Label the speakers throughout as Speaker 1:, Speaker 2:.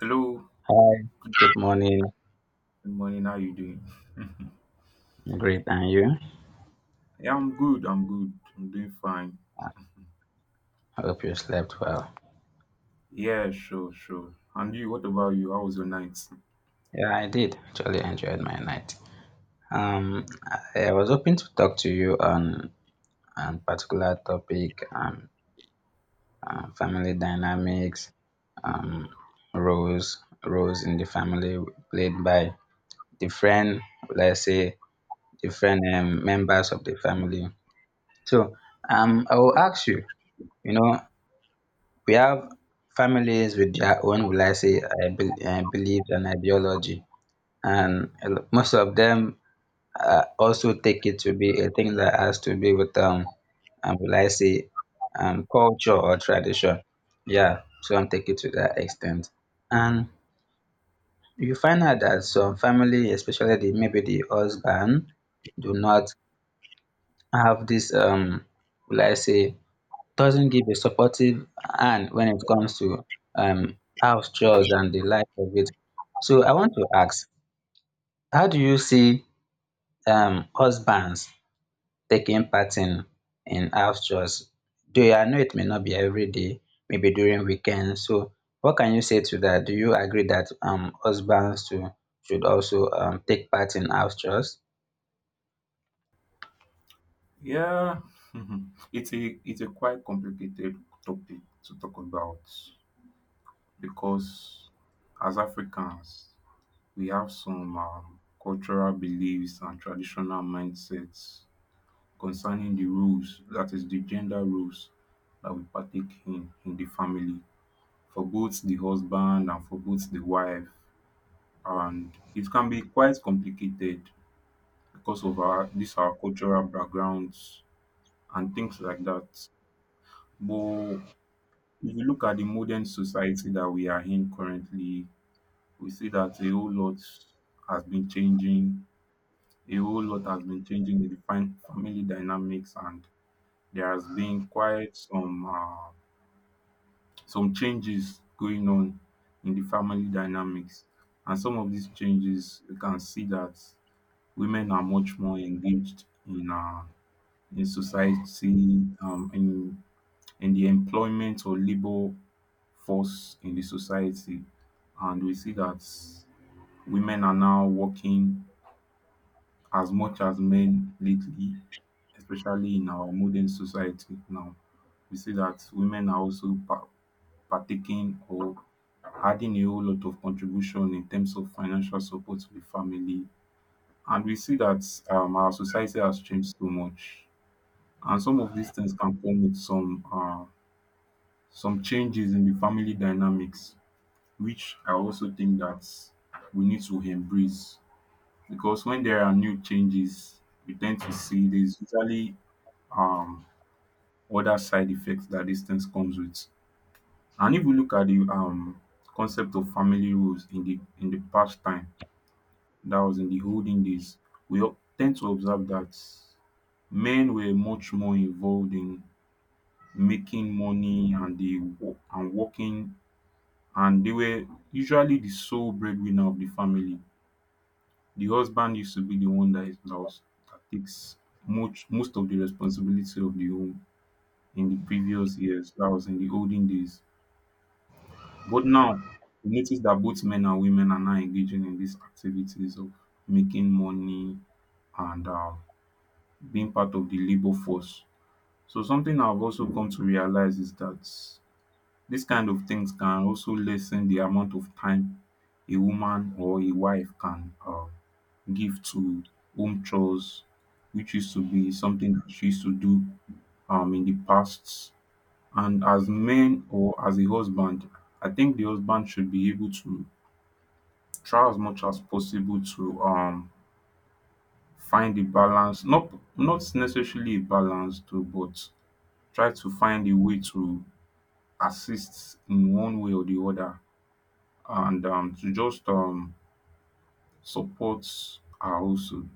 Speaker 1: Hello,
Speaker 2: Hi,
Speaker 1: good
Speaker 2: good morning.
Speaker 1: morning. How you doing?
Speaker 2: I'm great, and you?
Speaker 1: Yeah, I'm good. I'm good. I'm doing fine.
Speaker 2: I hope you slept well.
Speaker 1: Yeah, sure, sure. And you? What about you? How was your night?
Speaker 2: Yeah, I did. Actually, I enjoyed my night. I was hoping to talk to you on a particular topic, family dynamics, um, roles in the family played by different, let's say, different members of the family. So, I will ask you. You know, we have families with their own, will I say, beliefs and ideology. And most of them also take it to be a thing that has to be with, will I say, culture or tradition. Yeah, some take it to that extent. And you find out that some family, especially the, maybe the husband, do not have this, will I say, doesn't give a supportive hand when it comes to house chores and the like of it. So I want to ask, how do you see husbands taking part in house chores? Do I know it may not be every day, maybe during weekends. So what can you say to that? Do you agree that husbands too should also take part in house chores?
Speaker 1: Yeah, it's a quite complicated topic to talk about because as Africans, we have some cultural beliefs and traditional mindsets concerning the rules, that is the gender rules that we partake in the family. For both the husband and for both the wife, and it can be quite complicated because of our cultural backgrounds and things like that. But if you look at the modern society that we are in currently, we see that a whole lot has been changing. A whole lot has been changing in the family dynamics, and there has been quite some changes going on in the family dynamics. And some of these changes, you can see that women are much more engaged in society, in the employment or labor force in the society, and we see that women are now working as much as men lately, especially in our modern society. Now we see that women are also partaking or adding a whole lot of contribution in terms of financial support to the family. And we see that our society has changed so much, and some of these things can come with some changes in the family dynamics, which I also think that we need to embrace because when there are new changes, we tend to see there's usually um, other side effects that these things comes with. And if we look at the concept of family roles in the past time, that was in the olden days, we tend to observe that men were much more involved in making money and the and working, and they were usually the sole breadwinner of the family. The husband used to be the one that that takes much most of the responsibility of the home in the previous years, that was in the olden days. But now, we notice that both men and women are now engaging in these activities of making money and being part of the labor force. So, something I've also come to realize is that these kind of things can also lessen the amount of time a woman or a wife can give to home chores, which used to be something that she used to do in the past. And as men or as a husband, I think the husband should be able to try as much as possible to find a balance, not not necessarily a balance though, but try to find a way to assist in one way or the other, and to just support her also,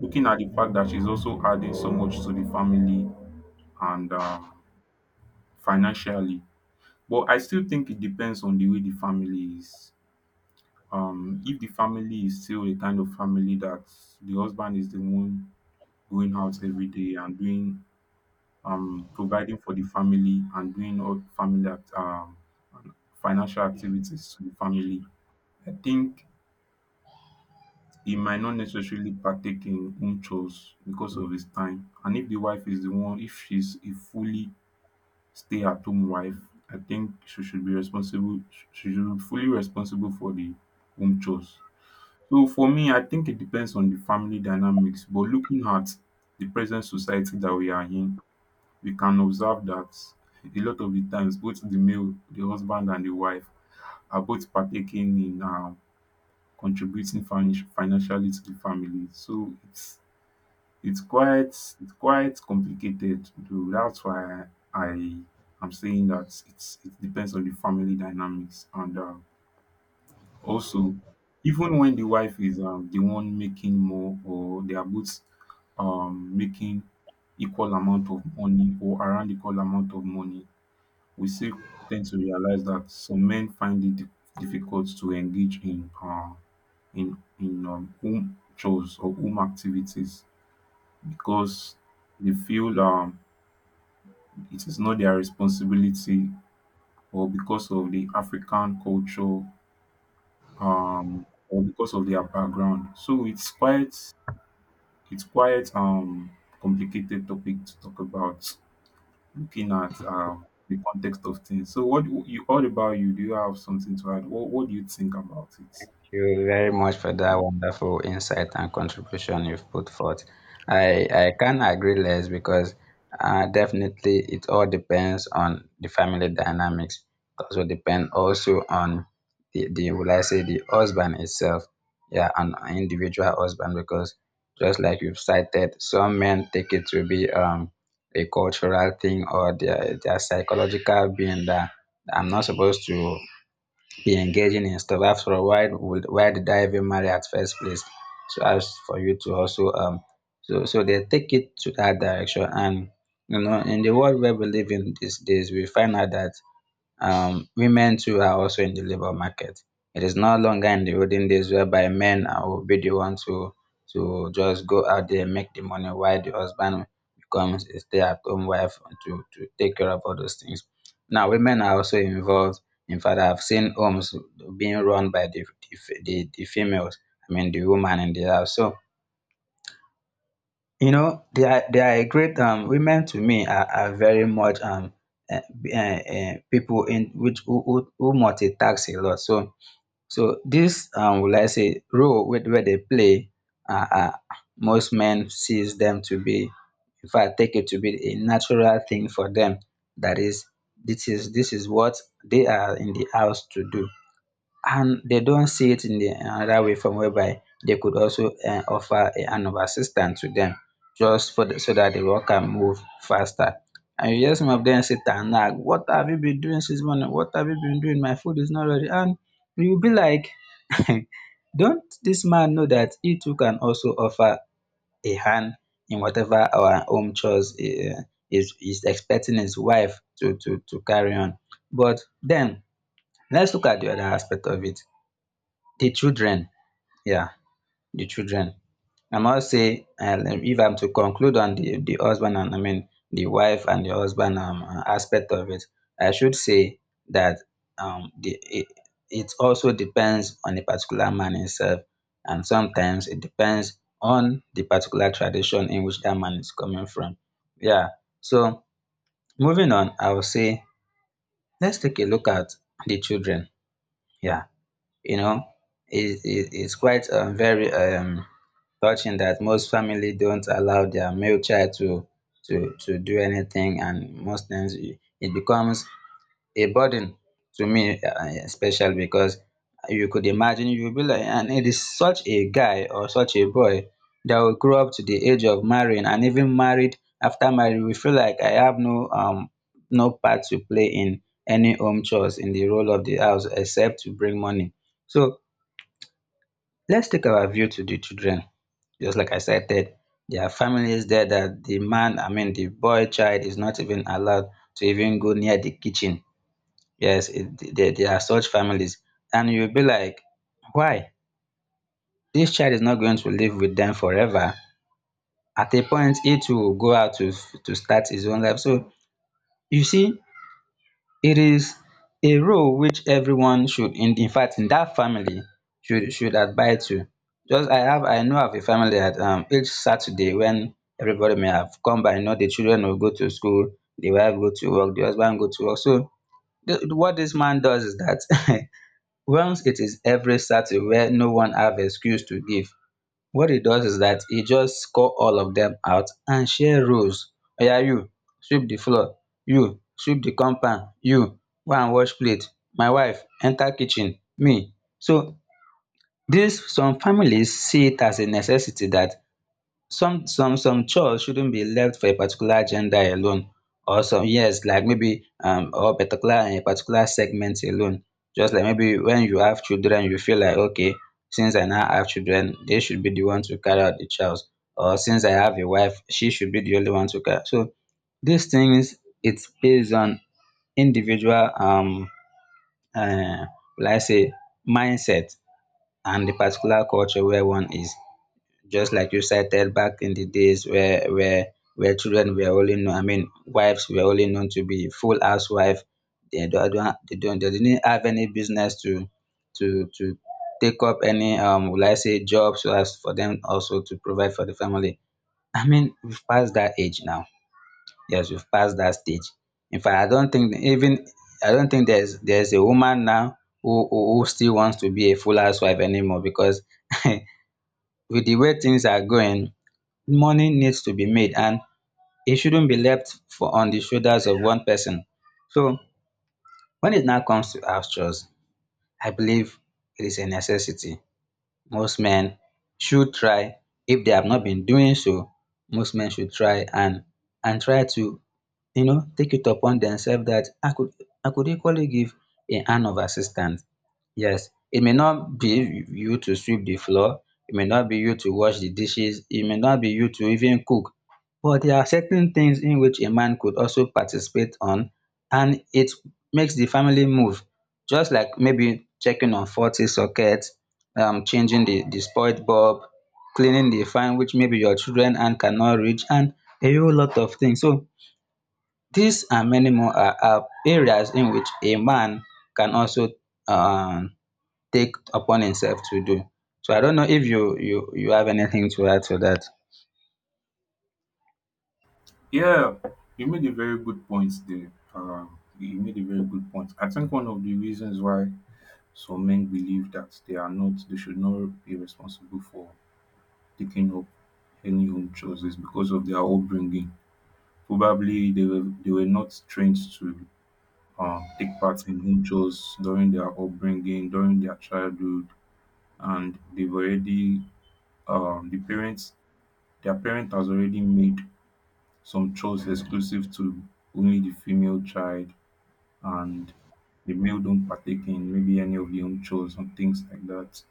Speaker 1: looking at the fact that she's also adding so much to the family and financially. But I still think it depends on the way the family is. Um, if the family is still a kind of family that the husband is the one going out every day and doing, um, providing for the family and doing all family um, financial activities to the family. I think he might not necessarily partake in home chores because of his time. And if the wife is the one, if she's a fully stay-at-home wife, I think she should be responsible. She should be fully responsible for the home chores. So for me, I think it depends on the family dynamics. But looking at the present society that we are in, we can observe that a lot of the times both the male the husband and the wife are both partaking in contributing finish financially to the family. So it's quite complicated though. That's why I am saying that it's it depends on the family dynamics, and also even when the wife is the one making more or they are both making equal amount of money or around equal amount of money, we still tend to realize that some men find it difficult to engage in home chores or home activities because they feel it is not their responsibility, or because of the African culture, or because of their background. So it's quite complicated topic to talk about, looking at the context of things. So, what do you all about you? Do you have something to add? What do you think about it?
Speaker 2: You very much for that wonderful insight and contribution you've put forth. I can not agree less because definitely it all depends on the family dynamics. It also depend also on the will I say the husband itself, yeah, an individual husband because just like you've cited, some men take it to be a cultural thing or their psychological being that I'm not supposed to be engaging in stuff. After all, why would, why did I even marry at first place? So as for you to also they take it to that direction. And you know, in the world where we live in these days, we find out that women too are also in the labor market. It is no longer in the olden days whereby men are- will be the one to just go out there and make the money while the husband becomes a stay-at-home wife to take care of all those things. Now women are also involved. In fact, I've seen homes being run by the females. I mean the woman in the house. So you know, they are a great women, to me, are very much um people in which who multitask a lot. So so this will I say role wey where they play are most men sees them to be, in fact, take it to be a natural thing for them. That is, this is what they are in the house to do. And they don't see it in the another way from whereby they could also offer a hand of assistance to them just for the, so that the work can move faster. And you hear some of them sit and nag, "What have you been doing since morning? What have you been doing? My food is not ready." And you'll be like, don't this man know that he too can also offer a hand in whatever our home chores is expecting his wife to carry on? But then, let's look at the other aspect of it, the children. Yeah, the children. I must say if I'm to conclude on the husband and I mean the wife and the husband aspect of it, I should say that um the it, it also depends on a particular man himself, and sometimes it depends on the particular tradition in which that man is coming from. Yeah. So moving on, I will say let's take a look at the children. Yeah. You know, it's quite very touching that most family don't allow their male child to do anything. And most times it becomes a burden to me, especially because you could imagine, you'll be like, and it is such a guy or such a boy that will grow up to the age of marrying and even married. After marriage, we feel like I have no no part to play in any home chores in the role of the house except to bring money. So let's take our view to the children. Just like I said, that there are families there that the man, I mean, the boy child is not even allowed to even go near the kitchen. Yes, there are such families. And you'll be like, why? This child is not going to live with them forever. At a point, it will go out to start his own life. So you see, it is a role which everyone should, in fact in that family, should adhere to. Just I have I know of a family that each Saturday when everybody may have come by, you know, the children will go to school, the wife go to work, the husband go to work. So the what this man does is that once it is every Saturday where no one have excuse to give, what he does is that he just call all of them out and share roles. Oya, you sweep the floor, you sweep the compound, you go and wash plate, my wife enter kitchen, me. So this, some families see it as a necessity that some chores shouldn't be left for a particular gender alone, or some, yes, like maybe or particular a particular segment alone. Just like maybe when you have children you feel like, okay, since I now have children they should be the one to carry out the child, or since I have a wife she should be the only one to carry. So these things, it's based on individual uh, will I say mindset, and the particular culture where one is. Just like you said, there back in the days where where children were only known, I mean, wives were only known to be full housewife. They don't, they don't they didn't have any business to take up any will I say jobs so as for them also to provide for the family. I mean, we've passed that age now. Yes, we've passed that stage. In fact, I don't think even I don't think there's a woman now who who still wants to be a full housewife anymore because with the way things are going, money needs to be made and it shouldn't be left for on the shoulders of one person. So when it now comes to house chores, I believe it is a necessity. Most men should try, if they have not been doing so, most men should try and try to, you know, take it upon themselves that I could equally give a hand of assistance. Yes, it may not be you to sweep the floor, it may not be you to wash the dishes, it may not be you to even cook. But there are certain things in which a man could also participate on, and it makes the family move. Just like maybe checking on faulty sockets, changing the spoiled bulb, cleaning the fan which maybe your children and cannot reach, and a whole lot of things. So these and many more are areas in which a man can also um take upon himself to do. So I don't know if you have anything to add to that.
Speaker 1: Yeah, you made a very good point there. You made a very good point. I think one of the reasons why some men believe that they are not, they should not be responsible for taking up any home chores is because of their upbringing. Probably they were not trained to take part in home chores during their upbringing, during their childhood, and they've already the parents, their parent has already made some chores exclusive to only the female child, and the male don't partake in maybe any of the home chores and things like that.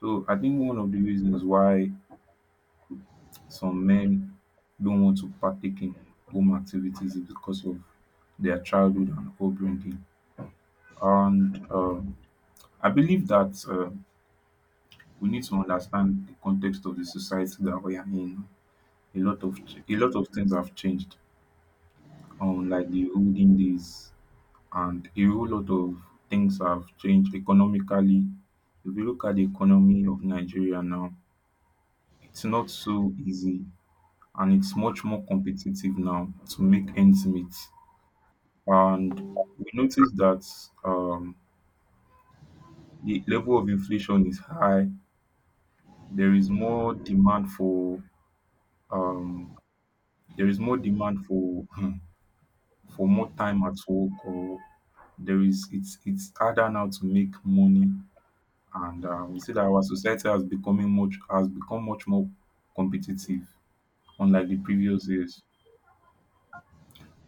Speaker 1: So I think one of the reasons why some men don't want to partake in home activities is because of their childhood and upbringing. And I believe that we need to understand the context of the society that we are in. A lot of a lot of things have changed like the olden days, and a whole lot of things have changed economically. If you look at the economy of Nigeria now, it's not so easy, and it's much more competitive now to make ends meet. And we notice that um, the level of inflation is high. There is more demand for um, there is more demand for for more time at work, or there is it's harder now to make money. And we see that our society has becoming much has become much more competitive, unlike the previous years.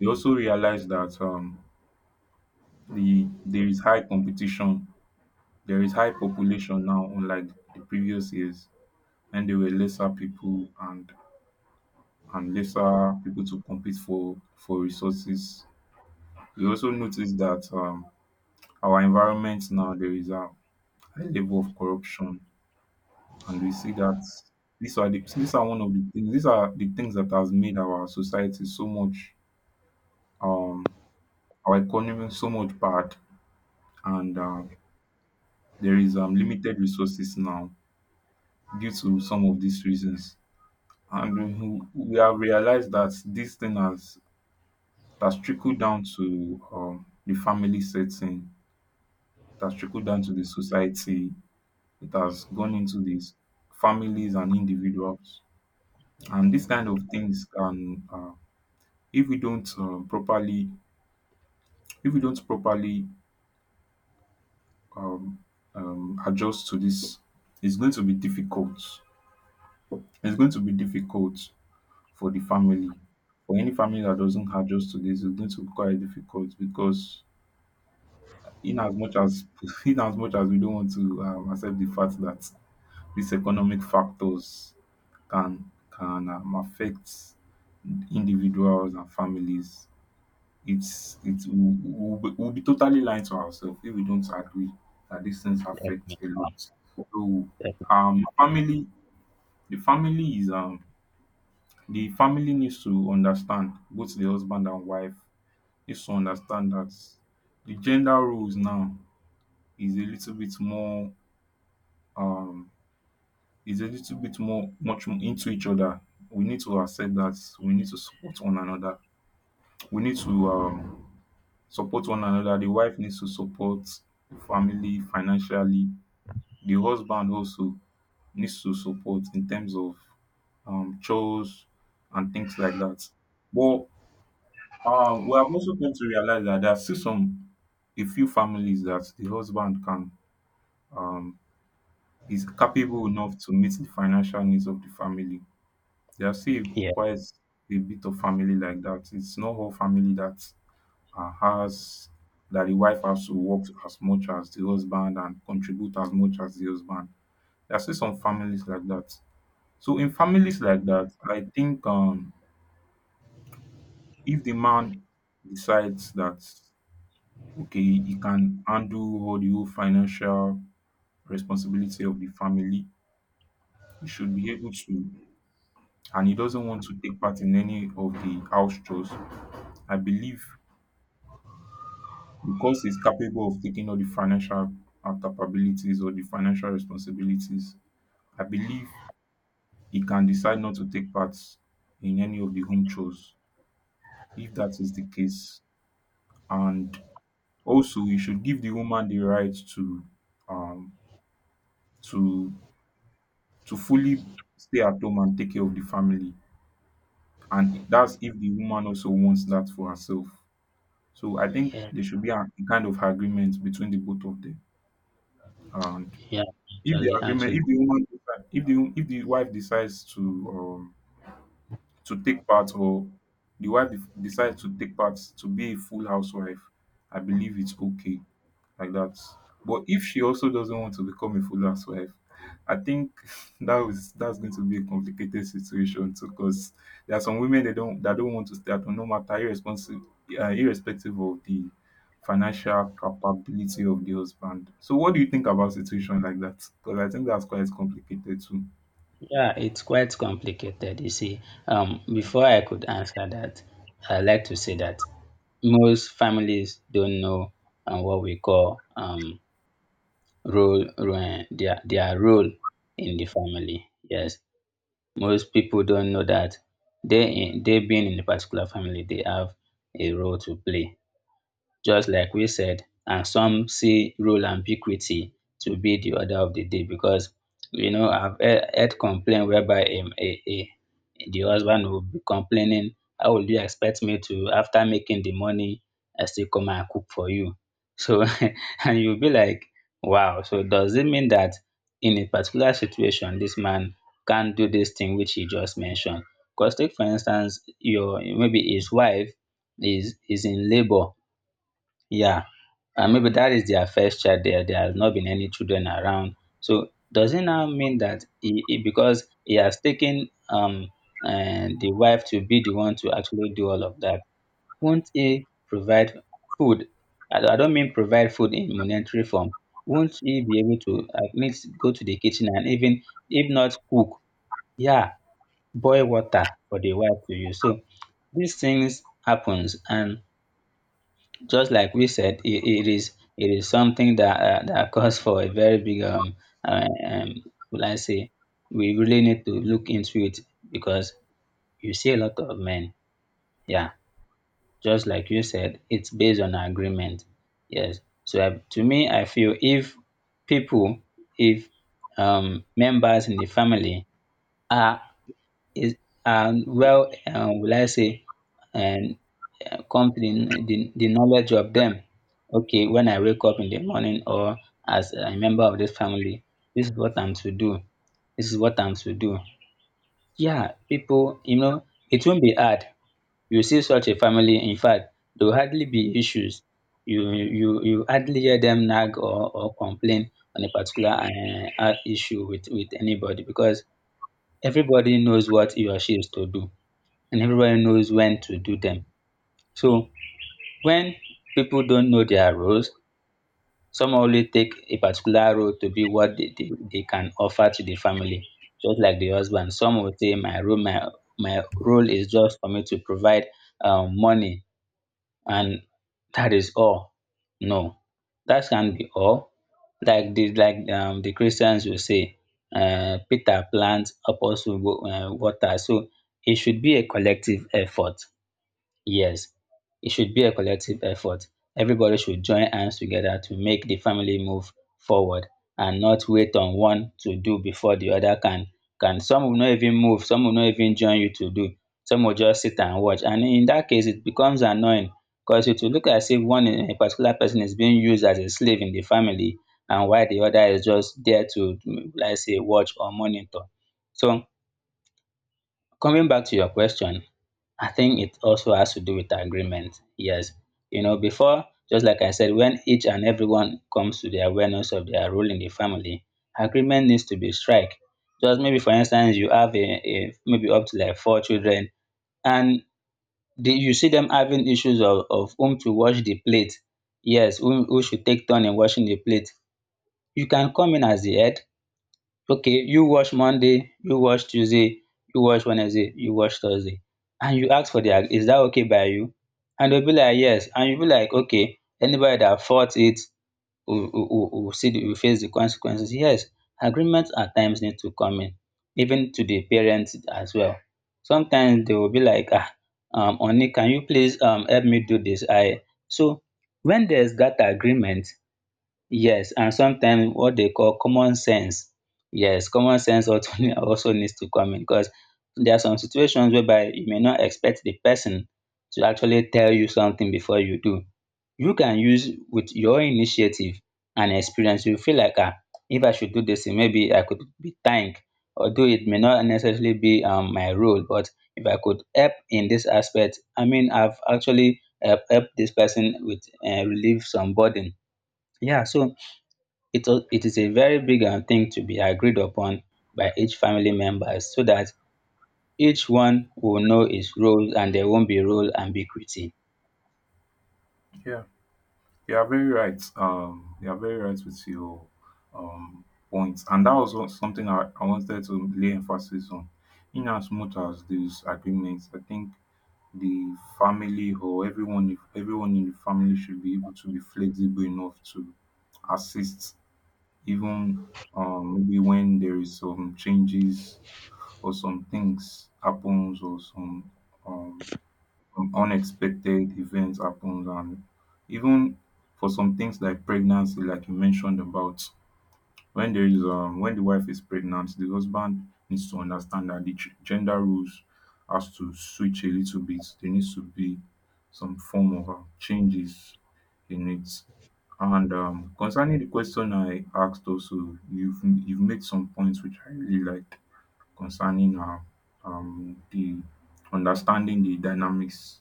Speaker 1: We also realize that the there is high competition, there is high population now, unlike the previous years, when there were lesser people and lesser people to compete for resources. We also notice that our environment now, there is a high level of corruption. And we see that these are one of the things, these are the things that has made our society so much um, our economy so much bad, and there is limited resources now due to some of these reasons. And we have realized that this thing has that's trickled down to the family setting, that's trickled down to the society. It has gone into these families and individuals, and these kind of things can if we don't properly if we don't properly um adjust to this, it's going to be difficult, it's going to be difficult for the family, for any family that doesn't adjust to this. It's going to be quite difficult because in as much as in as much as we don't want to accept the fact that these economic factors can affect individuals and families, we'll be we'll be totally lying to ourselves if we don't agree that these things affect a lot. So family the family is um, the family needs to understand, both the husband and wife needs to understand that the gender roles now is a little bit more um is a little bit more, much more into each other. We need to accept that we need to support one another. We need to support one another. The wife needs to support the family financially. The husband also needs to support in terms of chores and things like that. But we have also come to realize that there are still some a few families that the husband can um is capable enough to meet the financial needs of the family. There are still
Speaker 2: Yeah,
Speaker 1: quite a bit of family like that. It's not all family that and has that the wife has to work as much as the husband and contribute as much as the husband. There are still some families like that. So in families like that, I think if the man decides that okay, he can handle all the whole financial responsibility of the family, he should be able to, and he doesn't want to take part in any of the house chores. I believe because he's capable of taking all the financial capabilities or the financial responsibilities, I believe he can decide not to take part in any of the home chores if that is the case. And also we should give the woman the right to um to fully stay at home and take care of the family, and that's if the woman also wants that for herself. So I think
Speaker 2: yeah,
Speaker 1: there should be a, kind of agreement between the both of them. And
Speaker 2: yeah,
Speaker 1: if the agreement
Speaker 2: actually,
Speaker 1: if the woman if the wife decides um, to take part, or the decides to take part, to be a full housewife, I believe it's okay like that. But if she also doesn't want to become a full housewife, I think that's going to be a complicated situation too. Because there are some women they don't that don't want to stay at home, no matter irrespective of the financial capability of the husband. So, what do you think about situation like that? Because I think that's quite complicated too.
Speaker 2: yeah, it's quite complicated. You see, before I could answer that, I like to say that most families don't know what we call role their role in the family. Yes, most people don't know that they they being in a particular family, they have a role to play. Just like we said, and some see role ambiguity to be the order of the day because, you know, heard complaint whereby a the husband will be complaining, how will you expect me to, after making the money, I still come and cook for you? So and you'll be like, wow. So does it mean that in a particular situation this man can't do this thing which he just mentioned? Because take for instance, your maybe his wife is in labor. Yeah, and maybe that is their first child there has not been any children around. So does it now mean that he because he has taken and the wife to be the one to actually do all of that, won't he provide food? I don't mean provide food in monetary form. Won't he be able to at least go to the kitchen and even if not cook, yeah, boil water for the wife to use? So these things happens, and just like we said, it, it is something that that calls for a very big uh, um will I say, we really need to look into it. Because you see a lot of men, yeah, just like you said, it's based on agreement. Yes. So to me, I feel if people, if members in the family are is are well, will I say, and come to the knowledge of them. Okay, when I wake up in the morning or as a member of this family, this is what I'm to do. This is what I'm to do. Yeah, people, it won't be hard. You see such a family, in fact, there will hardly be issues. You hardly hear them nag or complain on a particular issue with anybody, because everybody knows what he or she is to do, and everybody knows when to do them. So when people don't know their roles, some only take a particular role to be what they can offer to the family. Just like the husband, some will say my role, my role is just for me to provide money, and that is all. No, that can not be all. Like the like the christians will say, peter plants, apostle water. So it should be a collective effort. Yes, it should be a collective effort. Everybody should join hands together to make the family move forward, and not wait on one to do before the other can. Can some will not even move, some will not even join you to do. Some will just sit and watch. And in that case, it becomes annoying because it will look as if one particular person is being used as a slave in the family, and while the other is just there to, mm, like say, watch or monitor. So coming back to your question, I think it also has to do with agreement. Yes. You know, before, just like I said, when each and everyone comes to the awareness of their role in the family, agreement needs to be strike. Just maybe, for instance, you have a maybe up to like four children, and the, you see them having issues of whom to wash the plate. Yes, who should take turn in washing the plate. You can come in as the head. Okay, you watch monday, you watch tuesday, you watch wednesday, you watch thursday. And you ask for their, is that okay by you? And they'll be like yes, and you'll be like okay, anybody that fought it will see the, will face the consequences. Yes, agreements at times need to come in, even to the parents as well. Sometimes they will be like ah, honey, can you please help me do this I so when there's that agreement. Yes, and sometimes what they call common sense. Yes, common sense also also needs to come in, because there are some situations whereby you may not expect the person to actually tell you something before you do. You can use with your initiative and experience. You feel like ah, if I should do this, thing, maybe I could be thanked. Although it may not necessarily be my role, but if I could help in this aspect, I mean, I've actually helped this person with relieve some burden. Yeah, so it is a very big thing to be agreed upon by each family member, so that each one will know his role and there won't be role ambiguity.
Speaker 1: Yeah. You are very right. You are very right with your um, points, and that was something I wanted to lay emphasis on. In as much as these agreements, I think the family or everyone in the family should be able to be flexible enough to assist, even maybe when there is some changes or some things happens or um, some unexpected events happen, and even for some things like pregnancy like you mentioned about, when there is when the wife is pregnant, the husband needs to understand that the gender rules has to switch a little bit. There needs to be some form of changes in it. And concerning the question I asked also, you've made some points which I really like concerning the understanding the dynamics.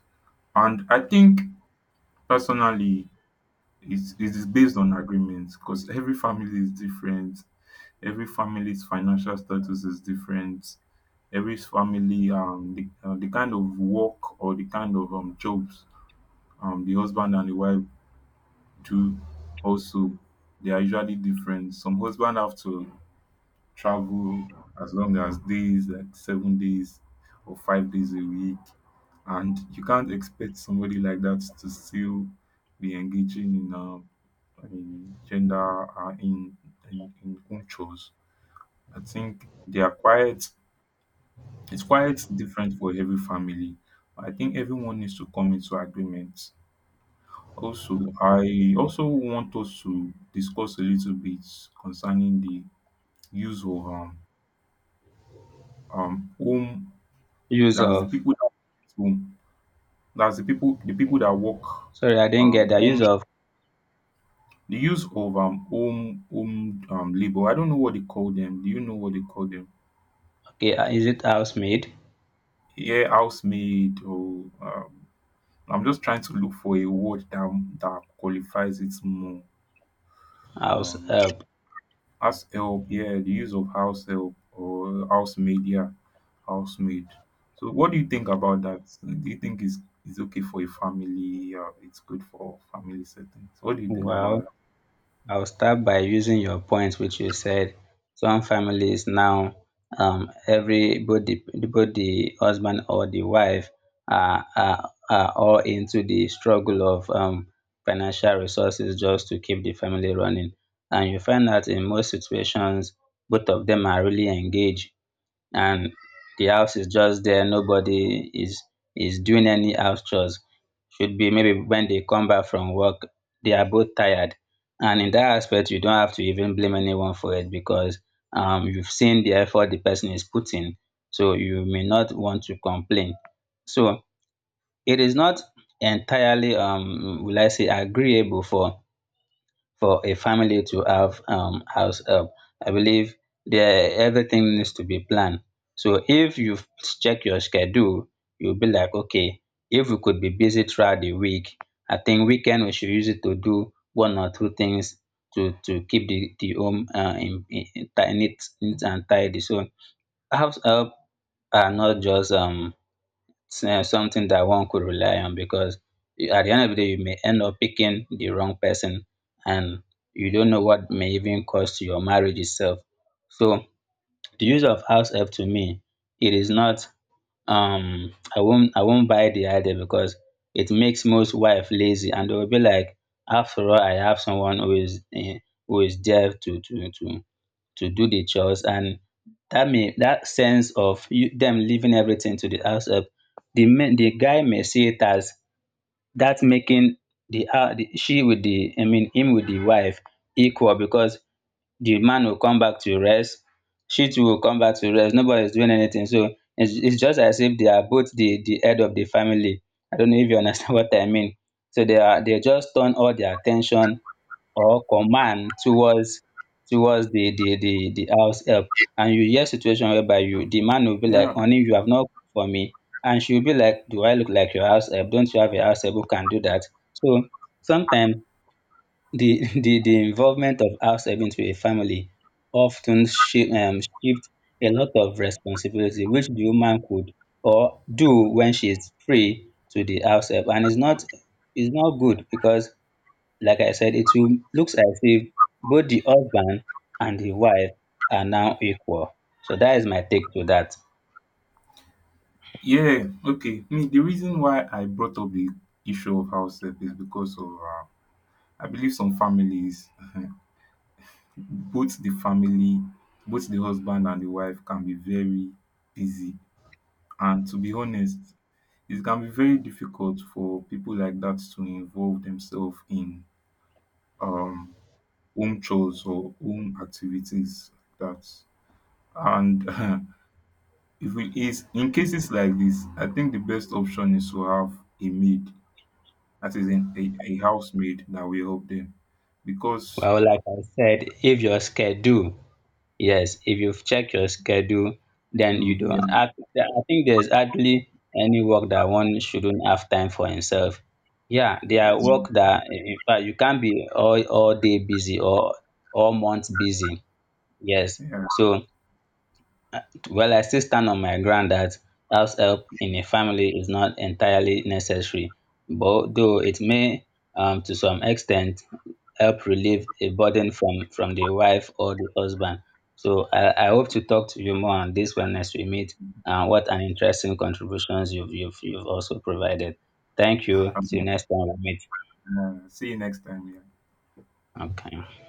Speaker 1: And I think personally, it is based on agreements, because every family is different. Every family's financial status is different. Every family, the kind of work or the kind of jobs the husband and the wife do also, they are usually different. Some husband have to travel as long as days, like 7 days or 5 days a week. And you can't expect somebody like that to still be engaging in, in gender, uh, in, in home chores. I think it's quite different for every family. I think everyone needs to come into agreement. Also, I also want us to discuss a little bit concerning the use of home.
Speaker 2: Use
Speaker 1: That's the
Speaker 2: of,
Speaker 1: people that work at home. That's the people that work
Speaker 2: sorry, I didn't get that.
Speaker 1: home,
Speaker 2: Use of,
Speaker 1: the use of home labor. I don't know what they call them. Do you know what they call them?
Speaker 2: okay, is it housemaid,
Speaker 1: Yeah, housemaid, or I'm just trying to look for a word that qualifies it more.
Speaker 2: house
Speaker 1: Um,
Speaker 2: help?
Speaker 1: house help, yeah, the use of house help or housemaid, yeah, housemaid. So what do you think about that? Do you think it's okay for a family? It's good for family settings. What do you think about
Speaker 2: Wow.
Speaker 1: that?
Speaker 2: I will start by using your point which you said some families now, everybody, both the husband or the wife are all into the struggle of financial resources just to keep the family running, and you find out in most situations both of them are really engaged, and the house is just there. Nobody is doing any house chores. Should be maybe when they come back from work, they are both tired. And in that aspect, you don't have to even blame anyone for it, because you've seen the effort the person is putting. So you may not want to complain. So it is not entirely, will I say, agreeable for a family to have house help. I believe there everything needs to be planned. So if you check your schedule, you'll be like, okay, if we could be busy throughout the week, I think weekend we should use it to do one or two things to keep the home neat, neat and tidy. So house help are not just something that one could rely on, because you- at the end of the day, you may end up picking the wrong person, and you don't know what may even cost your marriage itself. So the use of house help to me, it is not I won't, I won't buy the idea, because it makes most wife lazy and they will be like, after all, I have someone who is who is there to do the chores, and that may that sense of you, them leaving everything to the house help, the men the guy may see it as that making the, the she with the, I mean him with the wife equal, because the man will come back to rest, she too will come back to rest, nobody is doing anything. So it's just as if they are both the head of the family. I don't know if you understand what I mean. So they are they just turn all their attention or command towards the house help. And you hear situation whereby you the man will be like
Speaker 1: Yeah.
Speaker 2: honey, you have not cooked for me. And she will be like, do I look like your house help? Don't you have a house help who can do that? So sometimes the the involvement of house help into a family often shift a lot of responsibility which the woman could or do when she is free to the house help. And it's not, it's not good because like I said, it will looks as if both the husband and the wife are now equal. So that is my take to that.
Speaker 1: Yeah. Okay. Me, the reason why I brought up the issue of house help is because of I believe some families, both the family, both the husband and the wife can be very busy. And to be honest, it can be very difficult for people like that to involve themselves in um home chores or home activities like that. And if we is in cases like this, I think the best option is to have a maid, that is in a housemaid that will help them because
Speaker 2: Well, like I said, if your schedule, yes, if you've checked your schedule, then you
Speaker 1: you
Speaker 2: don't.
Speaker 1: yeah,
Speaker 2: I think there's hardly any work that one shouldn't have time for himself. Yeah, there are work that in fact you can't be all day busy or all month busy. Yes.
Speaker 1: yeah.
Speaker 2: So well, I still stand on my ground that house help in a family is not entirely necessary, but though it may, to some extent, help relieve a burden from the wife or the husband. So I hope to talk to you more on this when next we meet. And what an interesting contributions you've also provided. Thank you. Till next time we meet.
Speaker 1: See you next time yeah.
Speaker 2: Okay.